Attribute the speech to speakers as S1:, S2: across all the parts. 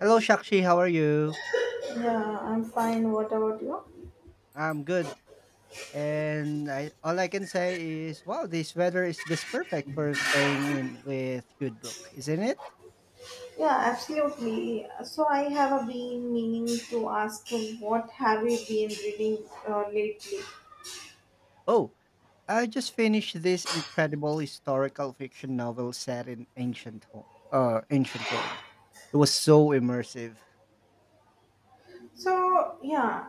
S1: Hello, Shakshi. How are you?
S2: Yeah, I'm fine. What about you?
S1: I'm good. And I, all I can say is, wow, this weather is just perfect for staying in with good book, isn't it?
S2: Yeah, absolutely. So I have been meaning to ask you, what have you been reading lately?
S1: Oh, I just finished this incredible historical fiction novel set in ancient Rome. It was so immersive.
S2: So yeah,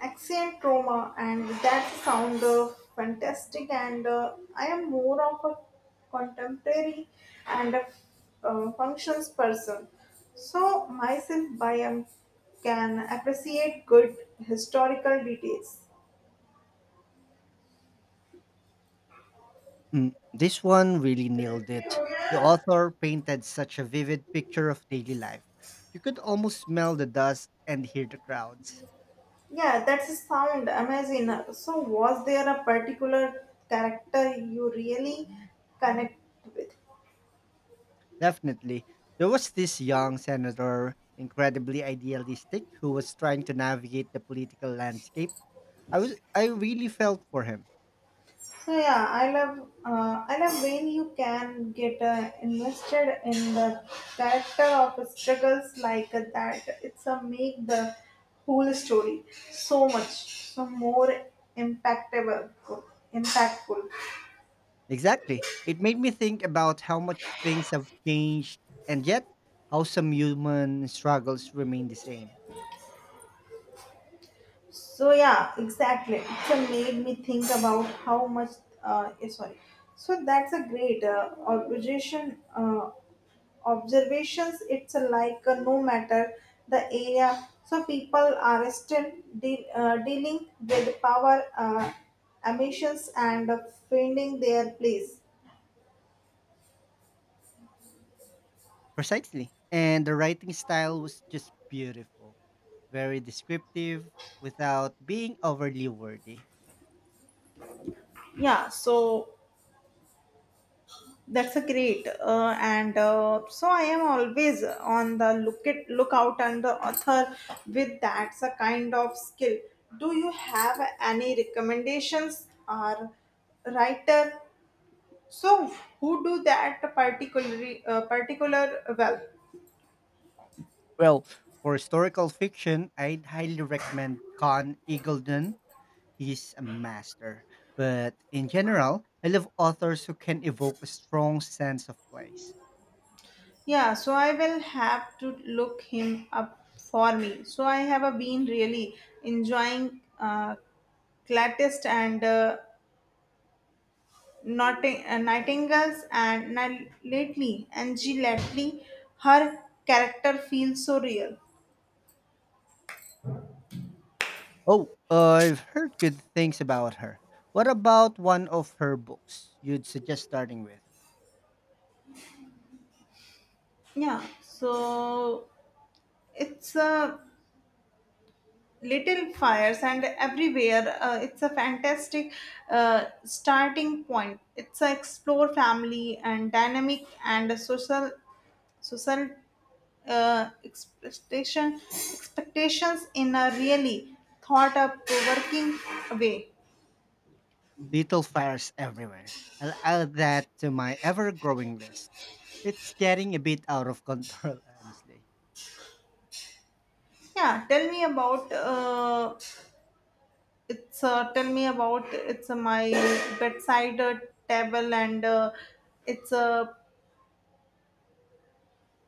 S2: accent trauma and that sound fantastic and I am more of a contemporary and a functions person. So myself I am can appreciate good historical details.
S1: Mm, this one really nailed it. The author painted such a vivid picture of daily life. You could almost smell the dust and hear the crowds.
S2: Yeah, that sound amazing. So, was there a particular character you really connect with?
S1: Definitely. There was this young senator, incredibly idealistic, who was trying to navigate the political landscape. I really felt for him.
S2: So yeah, I love when you can get invested in the character of struggles like that. It's a make the whole story so much so more impactable, impactful.
S1: Exactly. It made me think about how much things have changed and yet how some human struggles remain the same.
S2: So yeah, exactly. It's a made me think about how much. Sorry. So that's a great observation. Observations. It's a like no matter the area. So people are still dealing with power emissions and finding their place.
S1: Precisely. And the writing style was just beautiful. Very descriptive without being overly wordy.
S2: Yeah. So that's a great, and so I am always on the lookout and the author with that's a kind of skill. Do you have any recommendations or writer? So who do that particular well?
S1: Well, for historical fiction, I'd highly recommend Con Eagledon. He's a master. But in general, I love authors who can evoke a strong sense of place.
S2: Yeah, so I will have to look him up for me. So I have been really enjoying Clatist and uh, Nightingales and lately Angie Lately, her character feels so real.
S1: Oh, I've heard good things about her. What about one of her books you'd suggest starting with?
S2: Yeah, so it's a little fires and everywhere. It's a fantastic starting point. It's a explore family and dynamic and a social expectations in a really thought up provoking way.
S1: Little Fires Everywhere. I'll add that to my ever growing list. It's getting a bit out of control, honestly.
S2: Yeah, tell me about it's tell me about it's my bedside table and it's a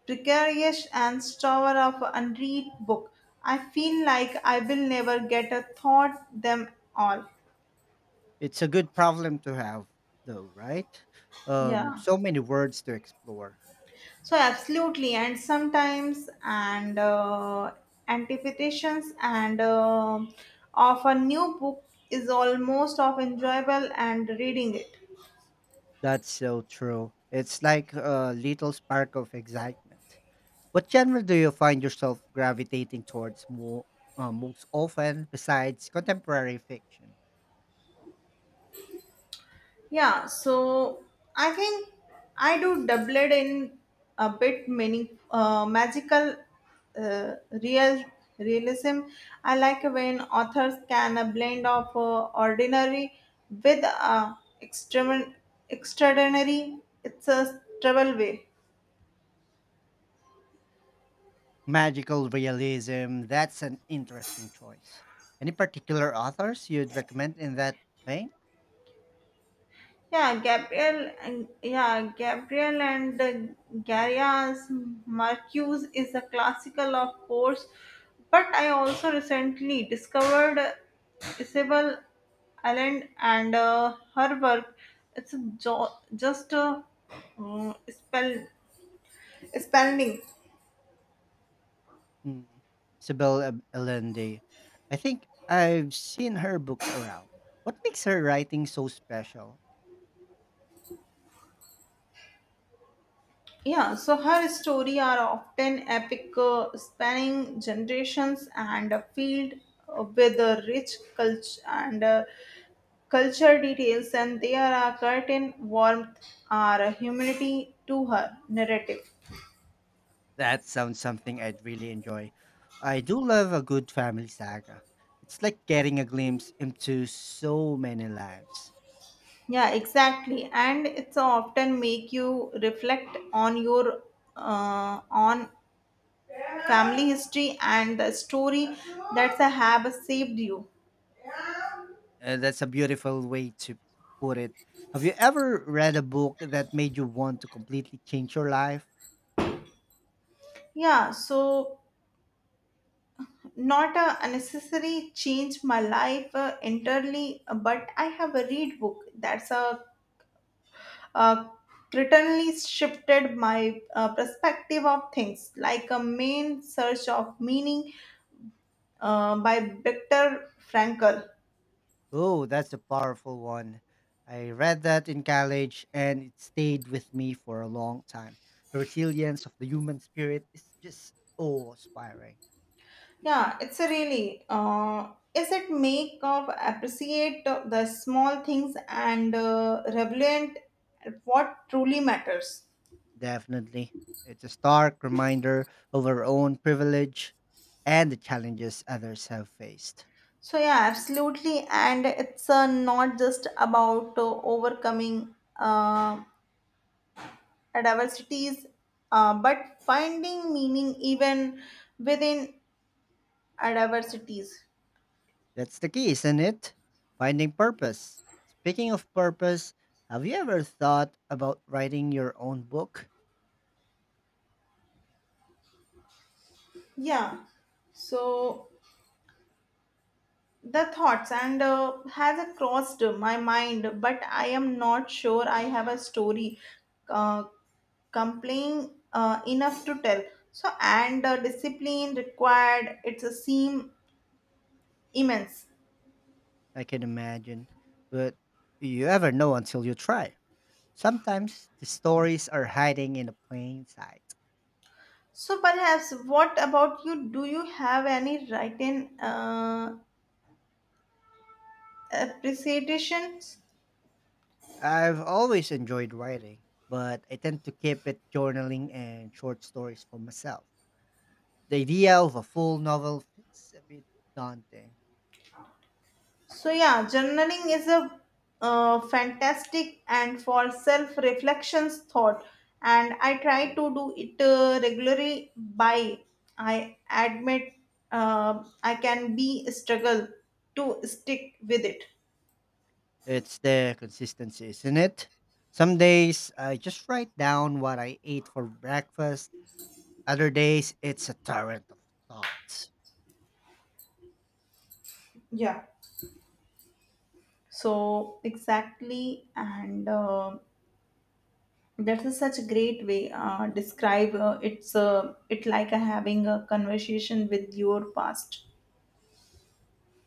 S2: precarious and store of unread book. I feel like I will never get a thought them all.
S1: It's a good problem to have though, right? Um,
S2: Yeah,
S1: so many words to explore.
S2: so absolutely, and sometimes and anticipations and of a new book is almost of enjoyable and reading it.
S1: That's so true. It's like a little spark of excitement. What genre do you find yourself gravitating towards more most often besides contemporary fiction?
S2: Yeah, so I think I do doubled in a bit many magical uh, real realism. I like when authors can a blend of ordinary with extreme, extraordinary. It's a trouble way.
S1: Magical realism, that's an interesting choice. Any particular authors you'd recommend in that vein?
S2: Yeah, Gabriel, yeah, Gabriel and Garias Marcuse is a classical, of course, but I also recently discovered Isabel Allen and her work. It's just a uh, spell spelling.
S1: Hmm, Isabel Allende. I think I've seen her books around. What makes her writing so special?
S2: Yeah, so her story are often epic, spanning generations and a field with a rich culture and. Culture details and they are a curtain warmth are a humanity to her narrative.
S1: That sounds something I'd really enjoy. I do love a good family saga. It's like getting a glimpse into so many lives.
S2: Yeah, exactly, and it's often make you reflect on your on family history and the story that's a have saved you.
S1: That's a beautiful way to put it. Have you ever read a book that made you want to completely change your life?
S2: Yeah, so not a unnecessary change my life entirely, but I have a read book that's a uh, certainly shifted my perspective of things, like a main search of meaning by Viktor Frankl.
S1: Oh, that's a powerful one. I read that in college and it stayed with me for a long time. The resilience of the human spirit is just awe inspiring.
S2: Yeah, it's a really. Is it make of appreciate the small things and relevant what truly matters?
S1: Definitely. It's a stark reminder of our own privilege and the challenges others have faced.
S2: So yeah, absolutely, and it's not just about overcoming diversities, but finding meaning even within diversities.
S1: That's the key, isn't it? Finding purpose. Speaking of purpose, have you ever thought about writing your own book?
S2: Yeah, so the thoughts and has crossed my mind, but I am not sure I have a story uh, compelling enough to tell. So, and discipline required, it's a seem immense.
S1: I can imagine, but you ever know until you try. Sometimes the stories are hiding in the plain sight.
S2: So, perhaps what about you? Do you have any written appreciations?
S1: I've always enjoyed writing, but I tend to keep it journaling and short stories for myself. The idea of a full novel feels a bit daunting.
S2: So yeah, journaling is a fantastic and for self-reflections thought, and I try to do it regularly. By I admit, I can be struggle to stick with it.
S1: It's the consistency, isn't it? Some days I just write down what I ate for breakfast, other days it's a torrent of thoughts.
S2: Yeah. So exactly, and that is such a great way describe it like a having a conversation with your past.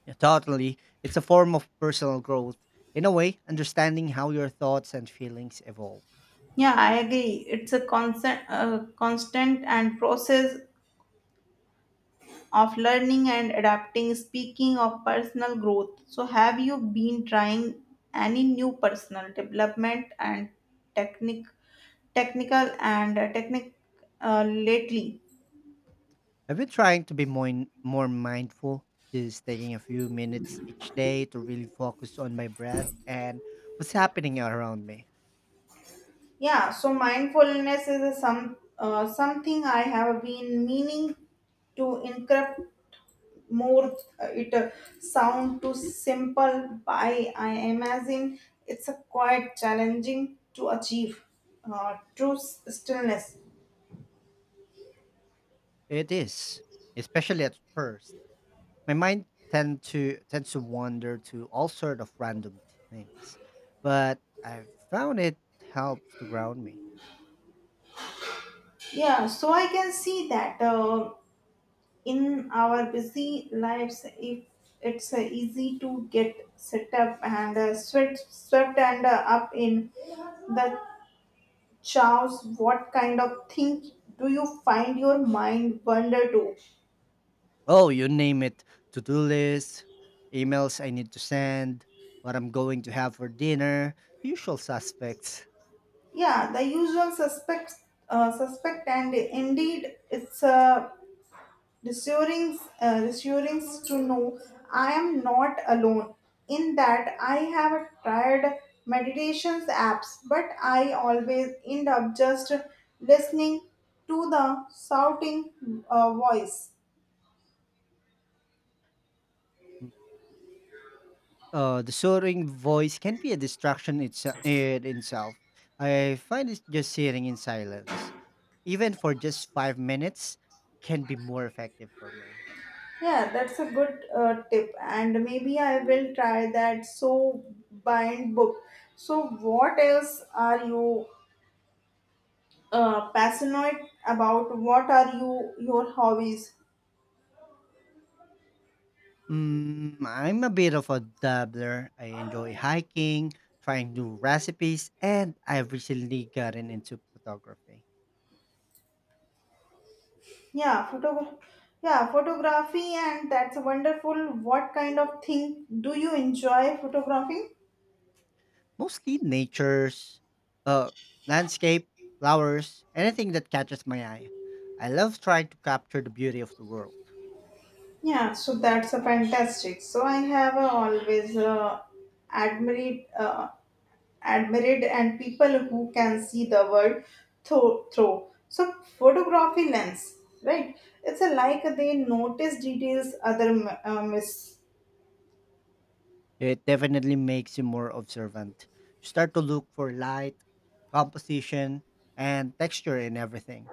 S1: Yeah, totally, it's a form of personal growth. In a way, understanding how your thoughts and feelings evolve.
S2: Yeah, I agree. It's a constant, constant and process of learning and adapting. Speaking of personal growth, so have you been trying any new personal development and technic, technical and technic lately?
S1: I've been trying to be more mindful, just taking a few minutes each day to really focus on my breath and what's happening around me.
S2: Yeah, so mindfulness is a some something I have been meaning to incorporate more it sound too simple by I imagine it's a quite challenging to achieve true stillness.
S1: It is, especially at first, my mind tends to wander to all sort of random things, but I've found it helps to ground me.
S2: Yeah, so I can see that in our busy lives if it's easy to get set up and swept swept and up in the chaos. What kind of thing do you find your mind wander to?
S1: Oh, you name it: to do lists, emails I need to send, what I'm going to have for dinner, the usual suspects.
S2: Yeah, the usual suspect, and indeed, it's reassuring to know I am not alone. In that, I have tried meditations apps, but I always end up just listening to the shouting voice.
S1: The soaring voice can be a distraction in itself. I find it just sitting in silence, even for just 5 minutes, can be more effective for me.
S2: Yeah, that's a good tip, and maybe I will try that. So bind book. So, what else are you passionate about? What are you your hobbies?
S1: Mm, I'm a bit of a dabbler. I enjoy hiking, trying new recipes, and I've recently gotten into photography.
S2: Yeah photo yeah photography, and that's wonderful. What kind of thing do you enjoy photography?
S1: Mostly nature's, uh, landscape, flowers, anything that catches my eye. I love trying to capture the beauty of the world.
S2: Yeah, so that's a fantastic. So I have always admired uh, admired and people who can see the world through, through so photography lens, right? It's a like they notice details other miss.
S1: It definitely makes you more observant. You start to look for light, composition, and texture in everything.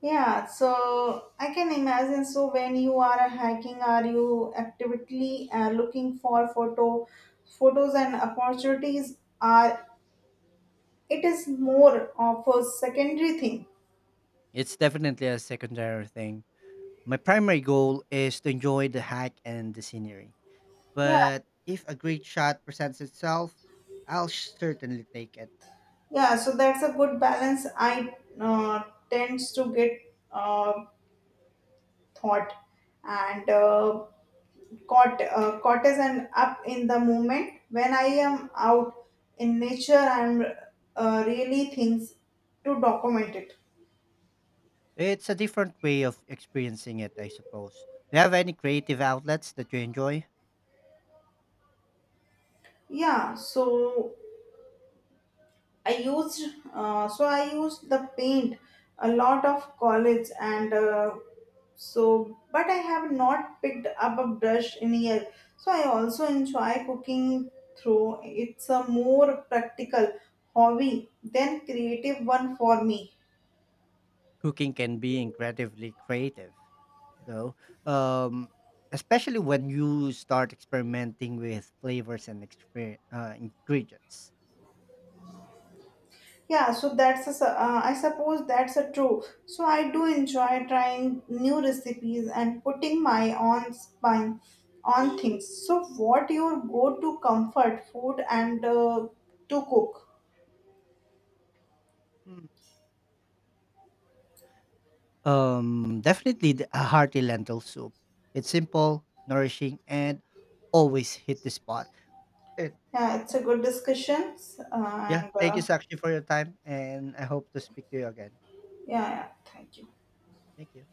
S2: Yeah, so I can imagine. So when you are hiking, are you actively photos and opportunities? Are it is more of a secondary thing.
S1: It's definitely a secondary thing. My primary goal is to enjoy the hike and the scenery.
S2: Yeah,
S1: But if a great shot presents itself, I'll certainly take it.
S2: yeah. So that's a good balance. I tends to get thought and caught caught as an up in the moment when I am out in nature. I'm really things to document it.
S1: It's a different way of experiencing it, I suppose. Do you have any creative outlets that you enjoy?
S2: Yeah, so I used the paint a lot of college and so, but I have not picked up a brush in a year. So I also enjoy cooking through it's a more practical hobby than creative one for me.
S1: Cooking can be incredibly creative. So, um, especially when you start experimenting with flavors and ingredients.
S2: Yeah, so that's a, I suppose that's a true. So I do enjoy trying new recipes and putting my own spin on things. So what your go-to comfort food and to cook?
S1: Mm. Definitely a hearty lentil soup. It's simple, nourishing, and always hit the spot. And
S2: Yeah, it's a good discussion.
S1: yeah,
S2: And
S1: thank you, Sakshi, for your time, and I hope to speak to you again.
S2: yeah, yeah, thank you.
S1: Thank you.